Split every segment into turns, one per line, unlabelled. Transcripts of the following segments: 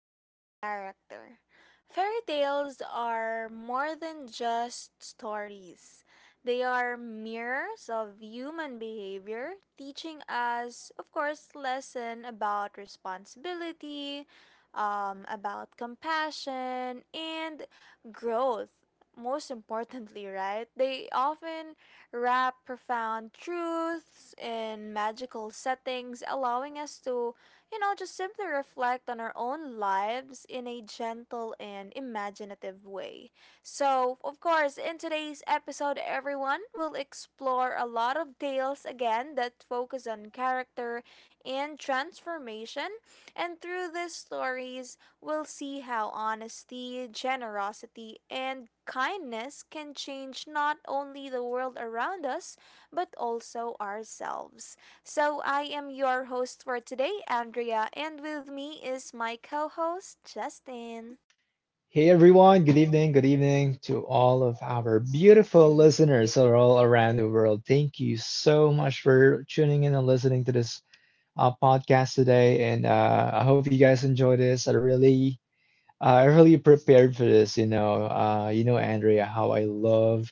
of character. Fairy tales are more than just stories. They are mirrors of human behavior, teaching us, of course, lesson about responsibility, about compassion, and growth. Most importantly, right? They often wrap profound truths in magical settings, allowing us to just simply reflect on our own lives in a gentle and imaginative way. So, of course, in today's episode, everyone will explore a lot of tales again that focus on character and transformation. And through these stories, we'll see how honesty, generosity, and kindness can change not only the world around us, but also ourselves. So I am your host for today, Andrea, and with me is my co host, Justin.
Hey everyone, good evening to all of our beautiful listeners all around the world. Thank you so much for tuning in and listening to this podcast today. And I hope you guys enjoy this. I really prepared for this. Andrea, how I love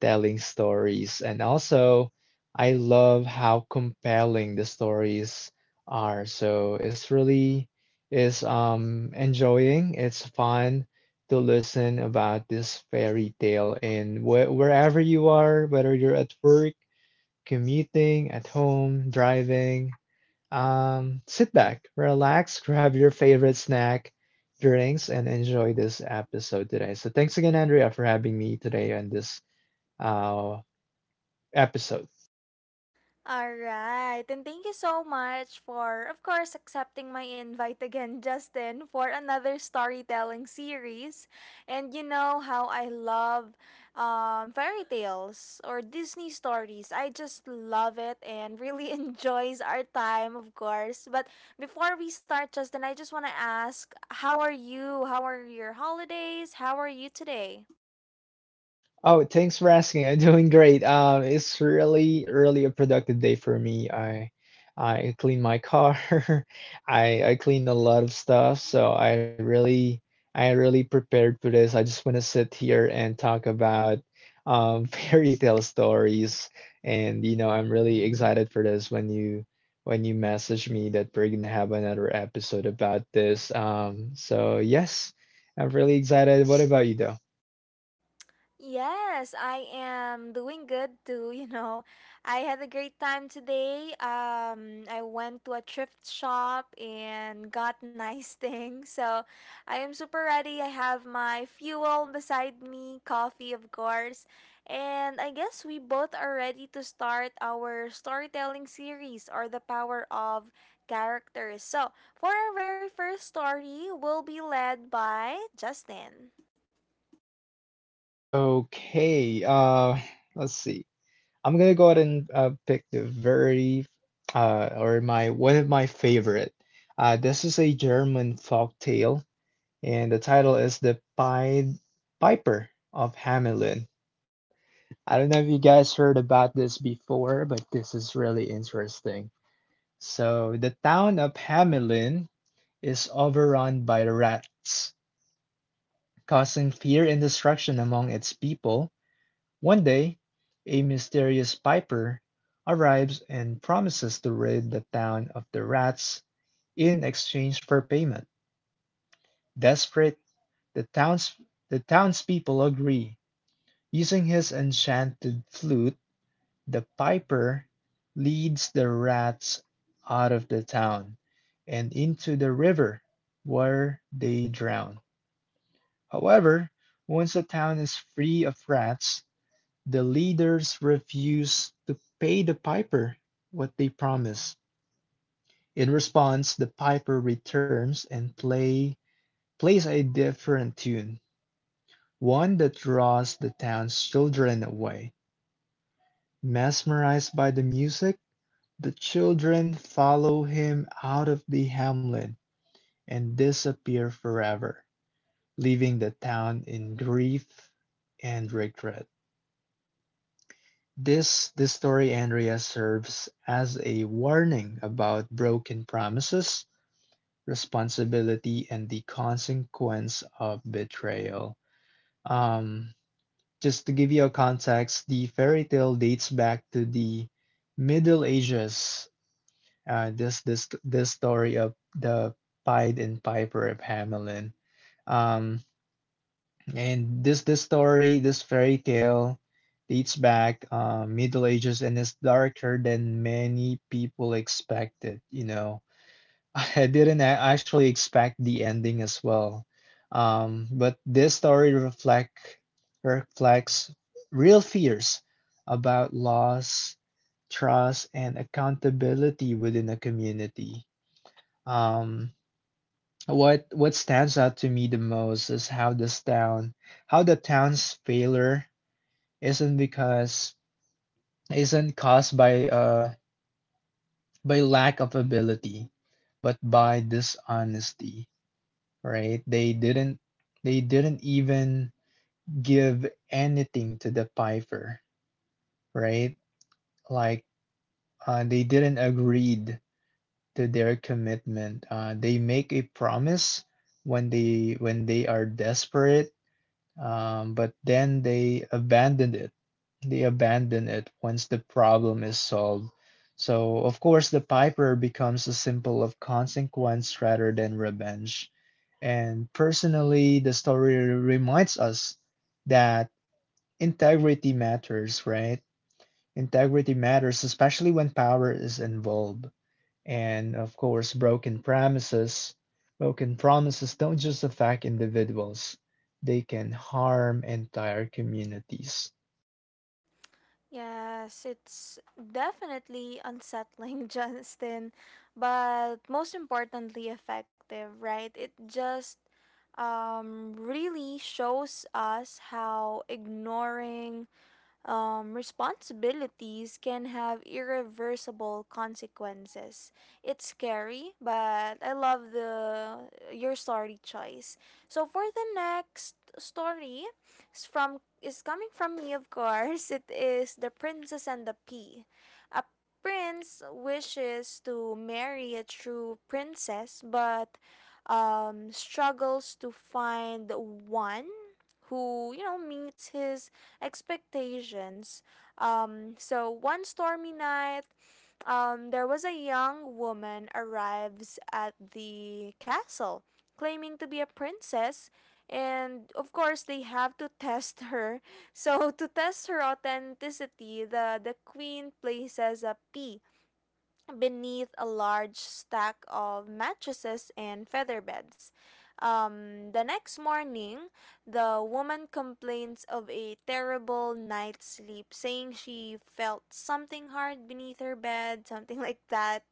telling stories, and also I love how compelling the stories are. So it's really is enjoying. It's fun to listen about this fairy tale, and wh wherever you are, whether you're at work, commuting, at home, driving. Sit back, relax, grab your favorite snack, drinks, and enjoy this episode today. So, thanks again, Andrea, for having me today on this uh, episode.
All right. And thank you so much for, of course, accepting my invite again, Justin, for another storytelling series. And you know how I love fairy tales or Disney stories. I just love it and really enjoys our time, of course. But before we start, Justin, I just want to ask, how are you? How are your holidays? How are you today?
Oh, thanks for asking. I'm doing great. It's really, really a productive day for me. I clean my car. I clean a lot of stuff, so I really prepared for this. I just want to sit here and talk about fairy tale stories. And I'm really excited for this when you message me that we're gonna have another episode about this. So yes, I'm really excited. What about you though?
Yes, I am doing good too, you know. I had a great time today. I went to a thrift shop and got nice things. So I am super ready. I have my fuel beside me, coffee of course. And I guess we both are ready to start our storytelling series or the power of characters. So for our very first story, we'll be led by Justin.
Okay, let's see. I'm gonna go ahead and pick the very or my one of my favorite. This is a German folk tale, and the title is The Pied Piper of Hamelin. I don't know if you guys heard about this before, but this is really interesting. So the town of Hamelin is overrun by rats, causing fear and destruction among its people. One day, a mysterious piper arrives and promises to rid the town of the rats in exchange for payment. Desperate, the towns the townspeople agree. Using his enchanted flute, the piper leads the rats out of the town and into the river, where they drown. However, once the town is free of rats, the leaders refused to pay the piper what they promised. In response, the piper returns and plays a different tune, one that draws the town's children away. Mesmerized by the music, the children follow him out of the hamlet and disappear forever, leaving the town in grief and regret. This story, Andrea, serves as a warning about broken promises, responsibility, and the consequence of betrayal. Um, just to give you a context, the fairy tale dates back to the Middle Ages. This story of the Pied and Piper of Hamelin. Um, and this story, this fairy tale, dates back Middle Ages and is darker than many people expected. I didn't actually expect the ending as well. But this story reflects real fears about loss, trust, and accountability within a community. Um, what stands out to me the most is how how the town's failure isn't because isn't caused by lack of ability, but by dishonesty, right? They didn't even give anything to the piper, right? Like they didn't agreed to their commitment. They make a promise when they are desperate. But then they abandoned it. They abandon it once the problem is solved. So, of course, the Piper becomes a symbol of consequence rather than revenge. And personally, the story reminds us that integrity matters, right? Integrity matters, especially when power is involved. And of course, broken promises don't just affect individuals, they can harm entire communities.
Yes, it's definitely unsettling, Justin, but most importantly effective, right? It just really shows us how ignoring responsibilities can have irreversible consequences. It's scary, but I love the your story choice. So for the next story, is coming from me, of course. It is the Princess and the Pea. A prince wishes to marry a true princess, but struggles to find one who, you know, meets his expectations. So one stormy night, there was a young woman arrives at the castle claiming to be a princess, and of course they have to test her. So to test her authenticity, the queen places a pea beneath a large stack of mattresses and feather beds. The next morning, the woman complains of a terrible night's sleep, saying she felt something hard beneath her bed, something like that.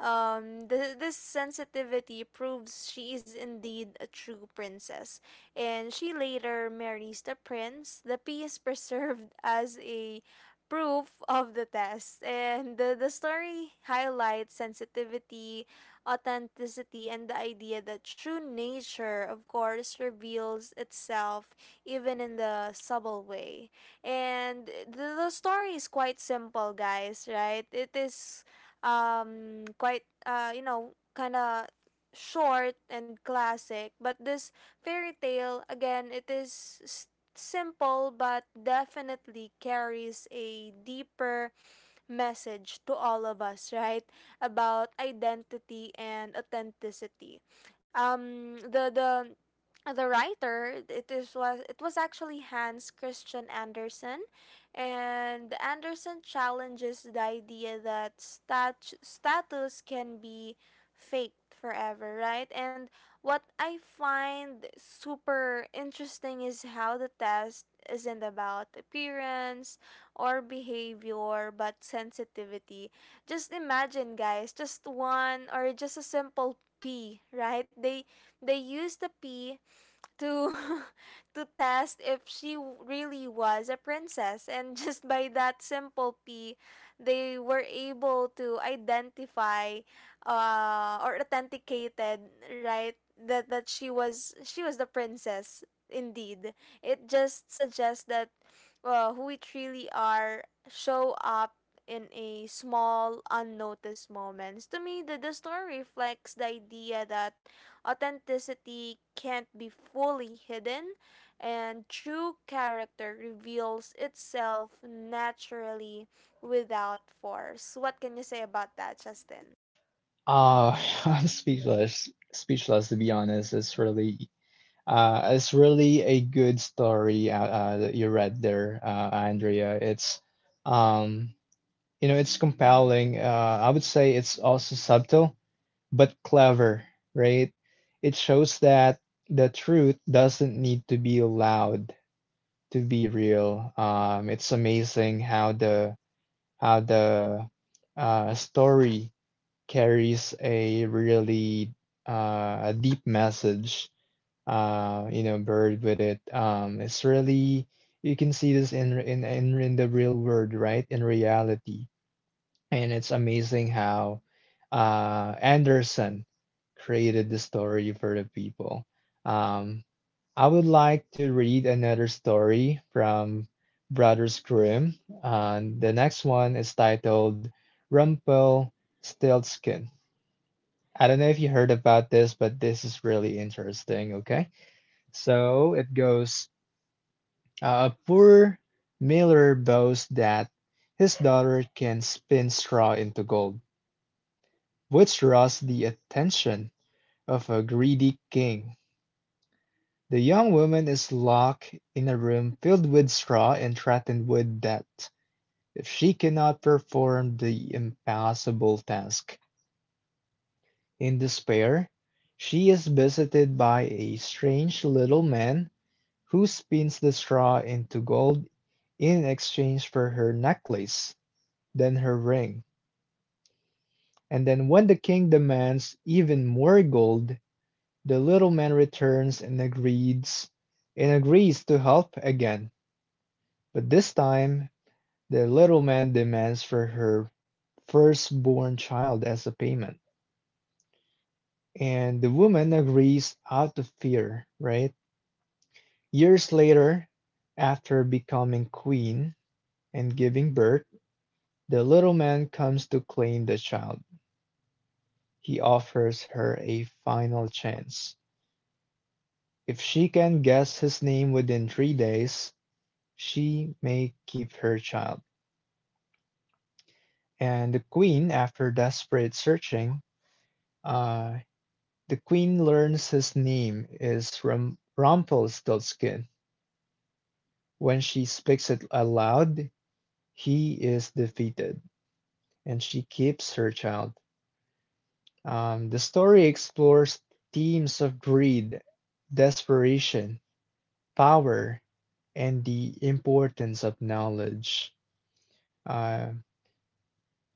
Th- this sensitivity proves she is indeed a true princess, and she later marries the prince. The pea is preserved as a proof of the test. And the story highlights sensitivity, authenticity, and the idea that true nature, of course, reveals itself even in the subtle way. And the story is quite simple, guys, right? It is quite, you know, kind of short and classic, but this fairy tale again, it is simple but definitely carries a deeper message to all of us, right? About identity and authenticity. Um, the the the writer, it was actually Hans Christian Andersen, and Andersen challenges the idea that status can be faked forever, right? And what I find super interesting is how the test isn't about appearance or behavior, but sensitivity. Just imagine, guys, just one, or just a simple P, right? They use the P to to test if really was a princess, and just by that simple p, they were able to identify, uh, or authenticated, right, that she was, she was the princess indeed. It just suggests that, who we truly are show up in a small unnoticed moments. To me, the story reflects the idea that authenticity can't be fully hidden, and true character reveals itself naturally without force. What can you say about that, Justin?
Uh, I'm speechless, speechless to be honest. It's really a good story that you read there, Andrea. Um, it's compelling. I would say it's also subtle, but clever, right? It shows that the truth doesn't need to be loud to be real. It's amazing how the story carries a deep message. Buried with it. It's really you can see this in the real world, right? In reality, and it's amazing how Anderson created the story for the people. Um, I would like to read another story from Brothers Grimm. And the next one is titled Rumpelstiltskin. I don't know if you heard about this, but this is really interesting, okay? So it goes a poor miller boasts that his daughter can spin straw into gold, which draws the attention of a greedy king. The young woman is locked in a room filled with straw and threatened with death if she cannot perform the impossible task. In despair, she is visited by a strange little man who spins the straw into gold in exchange for her necklace, then her ring. And then when the king demands even more gold, the little man returns and agrees to help again. But this time the little man demands for her firstborn child as a payment, and the woman agrees out of fear, right? Years later, after becoming queen and giving birth, the little man comes to claim the child. He offers her a final chance. If she can guess his name within 3 days, she may keep her child. And the queen, after desperate searching, uh, The queen learns his name is Rumpelstiltskin. When she speaks it aloud, he is defeated, and she keeps her child. The story explores themes of greed, desperation, power, and the importance of knowledge. Uh,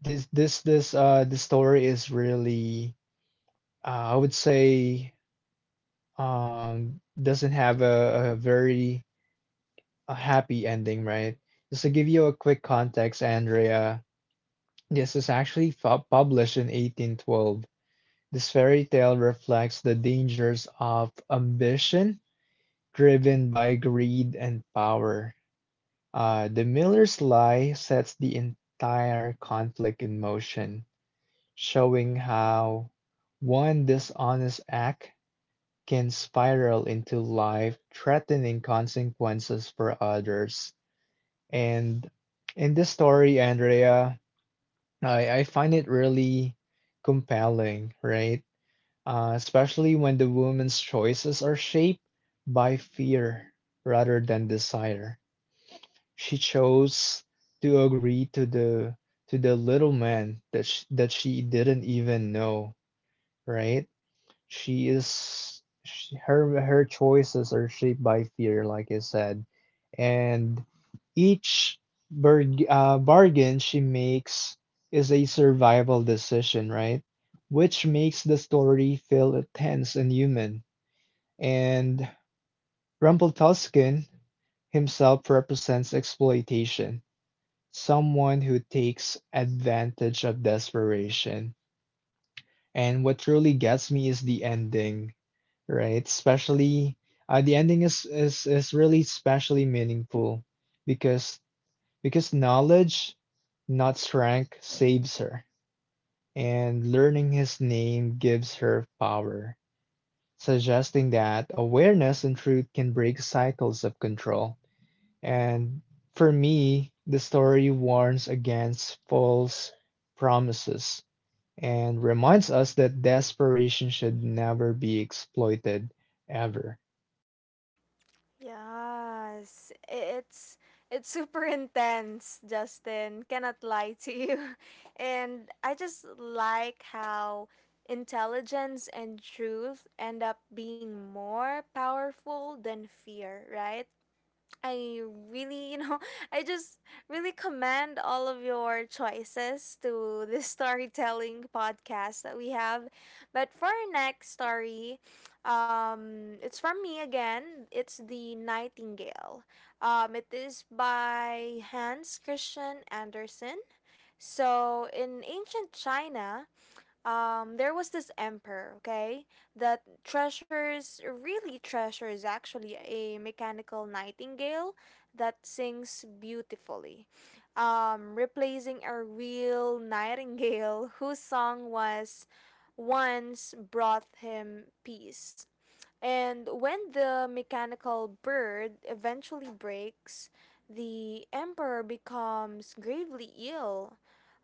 this this this the story is really I would say doesn't have a very a happy ending, right? Just to give you a quick context, Andrea, this is actually published in 1812. This fairy tale reflects the dangers of ambition driven by greed and power. The miller's lie sets the entire conflict in motion, showing how one dishonest act can spiral into life threatening consequences for others. And in this story, Andrea, I find it really compelling, right? Especially when the woman's choices are shaped by fear rather than desire. She chose to agree to the little man that she didn't even know, right? she is she, her her choices are shaped by fear, like I said, and each bargain she makes is a survival decision, right? Which makes the story feel tense and human. And Rumpelstiltskin himself represents exploitation, someone who takes advantage of desperation. And what really gets me is the ending, right? Especially, the ending is really especially meaningful because knowledge, not strength, saves her, and learning his name gives her power, suggesting that awareness and truth can break cycles of control. And for me, the story warns against false promises and reminds us that desperation should never be exploited ever.
Yes, it's super intense, Justin. Cannot lie to you. And I just like how intelligence and truth end up being more powerful than fear, right? I really, you know, I just really commend all of your choices to this storytelling podcast that we have. But for our next story, it's from me again. It's The Nightingale. It is by Hans Christian Andersen. So, in ancient China, there was this emperor, okay, that treasures, really treasures actually a mechanical nightingale that sings beautifully, replacing a real nightingale whose song was once brought him peace. And when the mechanical bird eventually breaks, the emperor becomes gravely ill,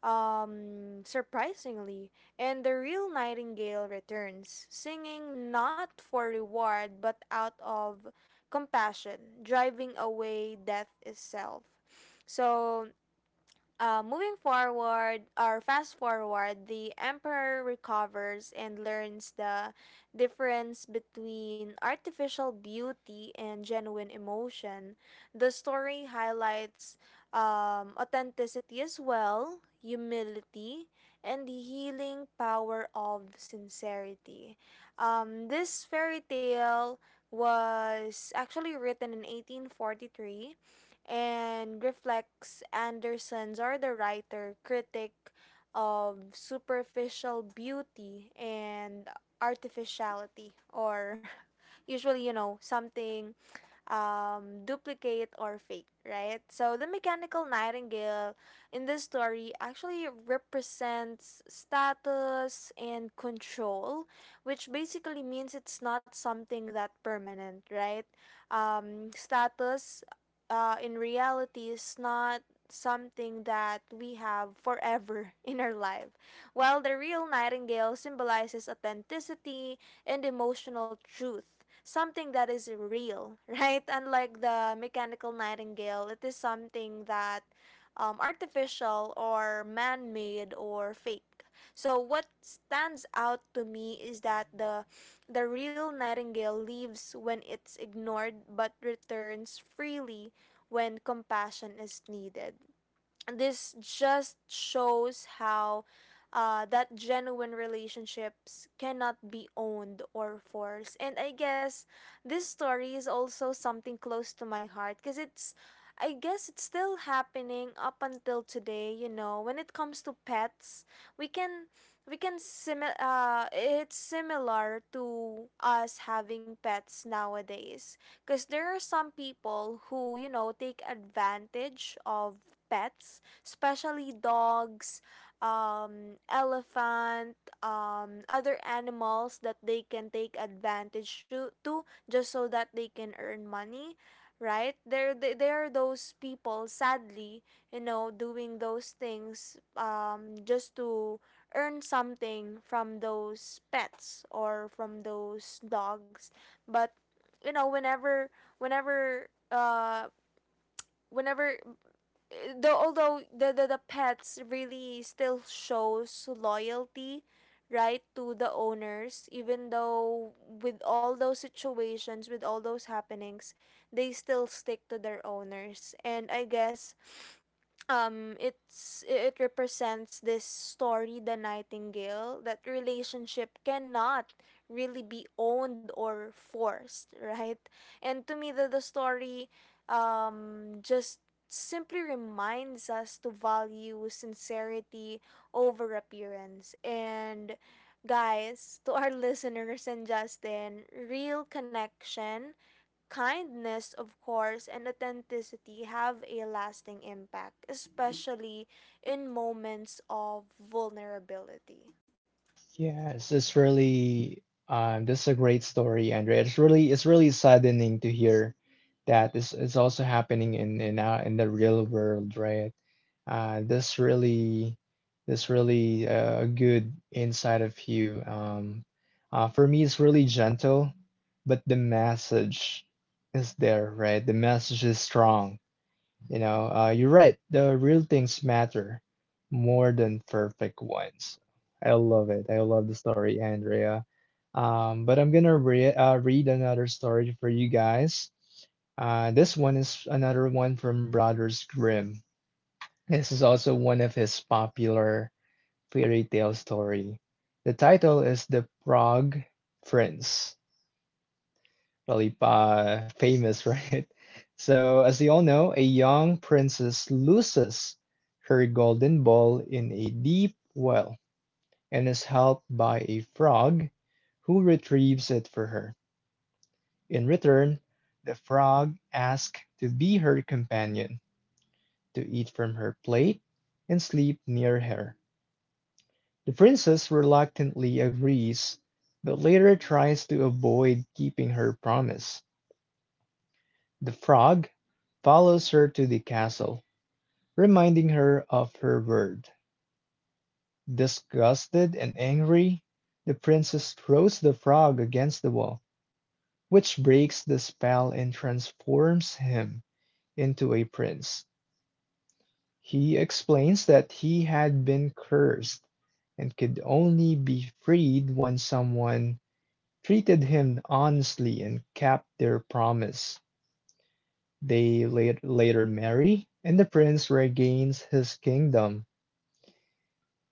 surprisingly, and the real nightingale returns, singing not for reward but out of compassion, driving away death itself. So, moving forward, or fast forward, the emperor recovers and learns the difference between artificial beauty and genuine emotion. The story highlights authenticity as well, humility, and the healing power of sincerity. This fairy tale was actually written in 1843 and reflects Anderson's or the writer critic of superficial beauty and artificiality, or usually, you know, something duplicate or fake, right? So the mechanical nightingale in this story actually represents status and control, which basically means it's not something that permanent, right? Status, in reality is not something that we have forever in our life. While the real nightingale symbolizes authenticity and emotional truth, something that is real, right? Unlike the mechanical nightingale, it is something that, artificial or man made or fake. So what stands out to me is that the real nightingale leaves when it's ignored but returns freely when compassion is needed. This just shows how, that genuine relationships cannot be owned or forced. And I guess this story is also something close to my heart because it's, I guess it's still happening up until today. You know, when it comes to pets, we can, it's similar to us having pets nowadays, because there are some people who, you know, take advantage of pets, especially dogs, elephant, other animals that they can take advantage to, just so that they can earn money, right? There are those people, sadly, you know, doing those things, just to earn something from those pets or from those dogs. But, you know, whenever whenever whenever the, the pets really still shows loyalty, right, to the owners, even though with all those situations, with all those happenings, they still stick to their owners. And I guess, it's it represents this story, the nightingale, that relationship cannot really be owned or forced, right. And to me, the story, just simply reminds us to value sincerity over appearance. And guys, to our listeners and Justin, real connection, kindness, of course, and authenticity have a lasting impact, especially in moments of vulnerability.
Yes, it's really this is a great story, Andrea. It's really saddening to hear that this is also happening in the real world, right? Uh, this really this really a good insight of you. For me, it's really gentle, but the message is there, right? The message is strong. You're right. The real things matter more than perfect ones. I love it. I love the story, Andrea. But I'm gonna re read another story for you guys. This one is another one from Brothers Grimm. This is also one of his popular fairy tale story. The title is The Frog Prince. Really famous, right? So, as you all know, a young princess loses her golden ball in a deep well and is helped by a frog who retrieves it for her. In return, the frog asks to be her companion, to eat from her plate and sleep near her. The princess reluctantly agrees, but later tries to avoid keeping her promise. The frog follows her to the castle, reminding her of her word. Disgusted and angry, the princess throws the frog against the wall, which breaks the spell and transforms him into a prince. He explains that he had been cursed and could only be freed when someone treated him honestly and kept their promise. They later marry, and the prince regains his kingdom.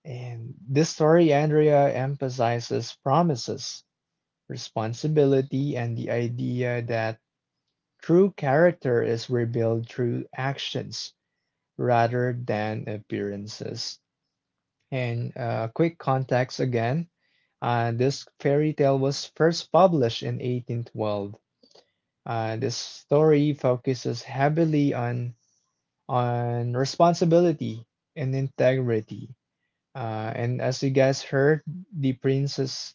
And this story, Andrea, emphasizes promises, responsibility, and the idea that true character is revealed through actions rather than appearances. And quick context again. This fairy tale was first published in 1812. This story focuses heavily on responsibility and integrity. And as you guys heard, the princess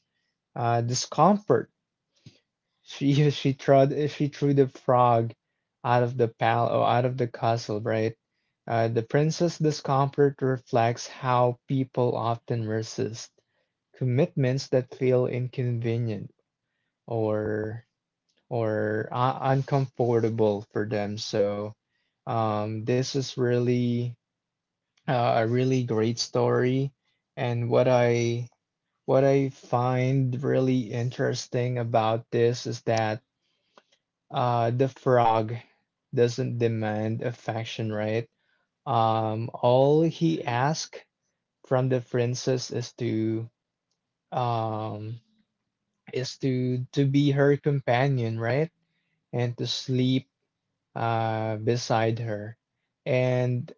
discomfort. She she trod she threw the frog out of the pal or out of the castle, right? The princess discomfort reflects how people often resist commitments that feel inconvenient or or uncomfortable for them. So this is really a really great story. And what I find really interesting about this is that the frog doesn't demand affection, right? All he asks from the princess um, is to be her companion, right? And to sleep beside her. And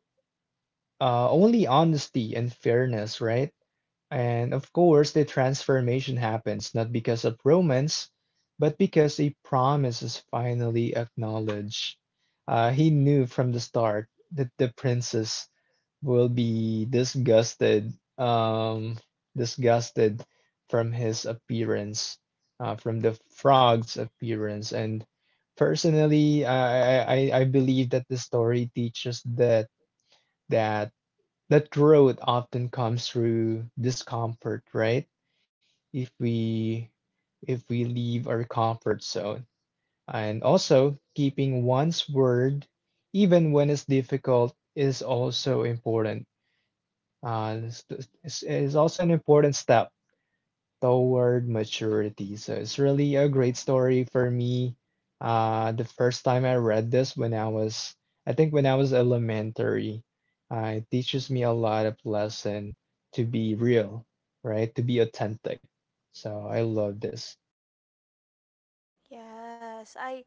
only honesty and fairness, right? And of course, the transformation happens not because of romance, but because a promise is finally acknowledged. He knew from the start that the princess will be disgusted, disgusted from his appearance, from the frog's appearance. And personally, I believe that the story teaches that that that growth often comes through discomfort, right? If we if we leave our comfort zone. And also, keeping one's word, even when it's difficult, is also important. Uh, it's, it's also an important step toward maturity. So it's really a great story for me. The first time I read this when I was, I think when I was elementary, it teaches me a lot of lesson to be real, right? To be authentic. So I love this.
Yes, I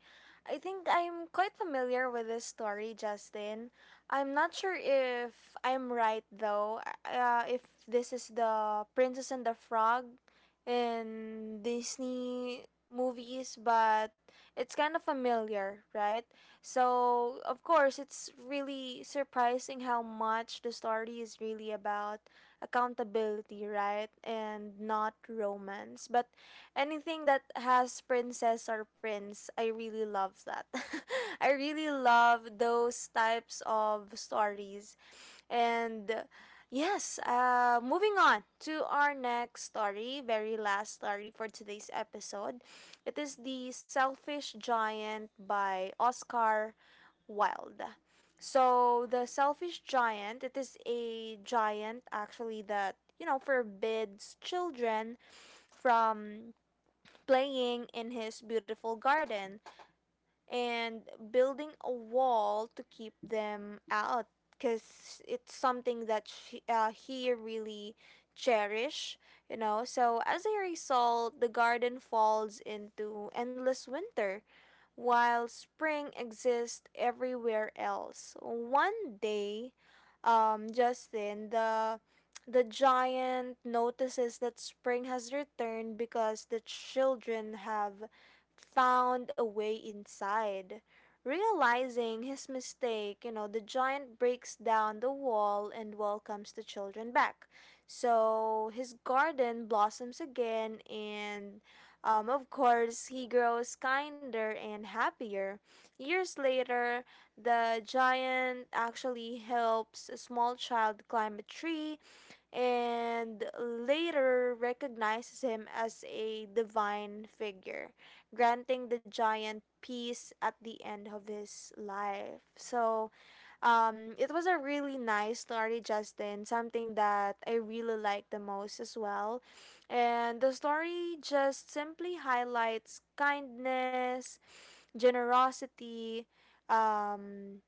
I think I'm quite familiar with this story, Justin. I'm not sure if I'm right though. If this is the Princess and the Frog in Disney movies, but it's kind of familiar, right? So, of course, it's really surprising how much the story is really about accountability, right? And not romance. But anything that has princess or prince, I really love that. I really love those types of stories. And yes, moving on to our next story, very last story for today's episode. It is The Selfish Giant by Oscar Wilde. So, The Selfish Giant, it is a giant actually that, you know, forbids children from playing in his beautiful garden and building a wall to keep them out because it's something that she, he really cherish, you know. So as a result, the garden falls into endless winter while spring exists everywhere else. One day, Justin, the giant notices that spring has returned because the children have found a way inside. Realizing his mistake, you know, the giant breaks down the wall and welcomes the children back. So his garden blossoms again, and, of course, he grows kinder and happier. Years later, the giant actually helps a small child climb a tree and later recognizes him as a divine figure, granting the giant peace at the end of his life. So, it was a really nice story, Justin. Something that I really like the most as well. And the story just simply highlights kindness, generosity, um,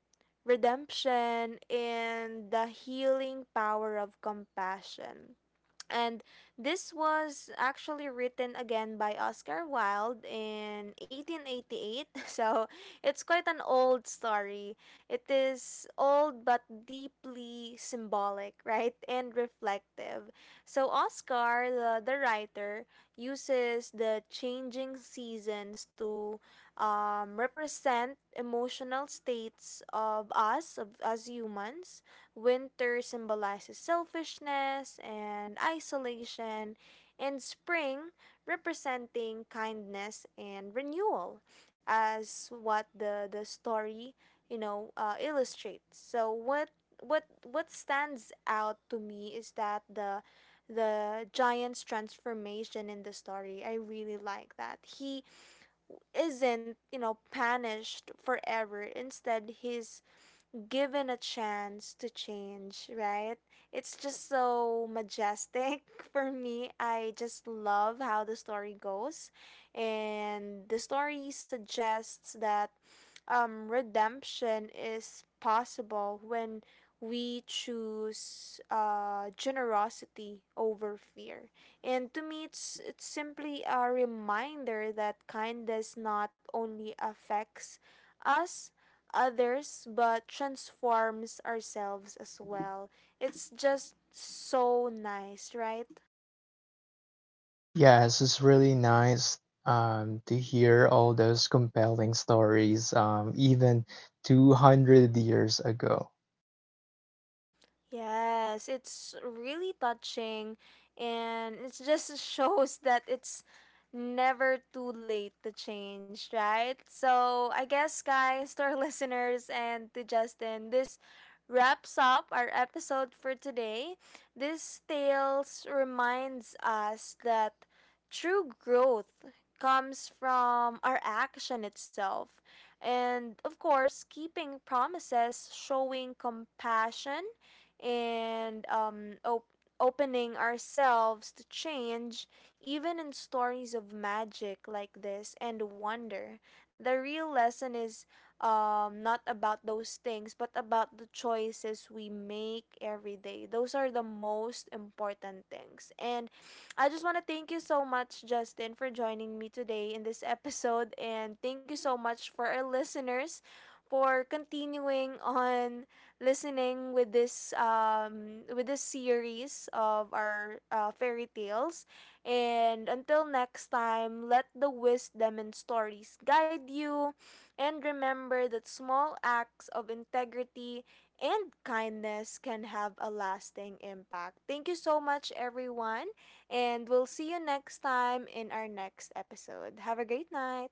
redemption, and the healing power of compassion. And this was actually written again by Oscar Wilde in 1888. So it's quite an old story. It is old but deeply symbolic, right? And reflective. So Oscar, the writer, uses the changing seasons to, represent emotional states of us humans. Winter symbolizes selfishness and isolation, and spring representing kindness and renewal, as what the story, you know, illustrates. So what stands out to me is that the giant's transformation in the story. I really like that. He isn't, you know, punished forever. Instead, he's given a chance to change, right? It's just so majestic for me. I just love how the story goes. And the story suggests that, redemption is possible when we choose, generosity over fear. And to me, it's simply a reminder that kindness not only affects us others but transforms ourselves as well. It's just so nice, right?
Yes, it's really nice to hear all those compelling stories, even 200 years ago.
Yes, it's really touching, and it just shows that it's never too late to change, right? So, I guess, guys, to our listeners and to Justin, this wraps up our episode for today. This tales reminds us that true growth comes from our action itself. And of course, keeping promises, showing compassion, and, opening ourselves to change, even in stories of magic like this and wonder. The real lesson is, not about those things, but about the choices we make every day. Those are the most important things. And I just want to thank you so much, Justin, for joining me today in this episode. And thank you so much for our listeners for continuing on listening with this, with this series of our, fairy tales. And until next time, let the wisdom and stories guide you, and remember that small acts of integrity and kindness can have a lasting impact. Thank you so much everyone, and we'll see you next time in our next episode. Have a great night.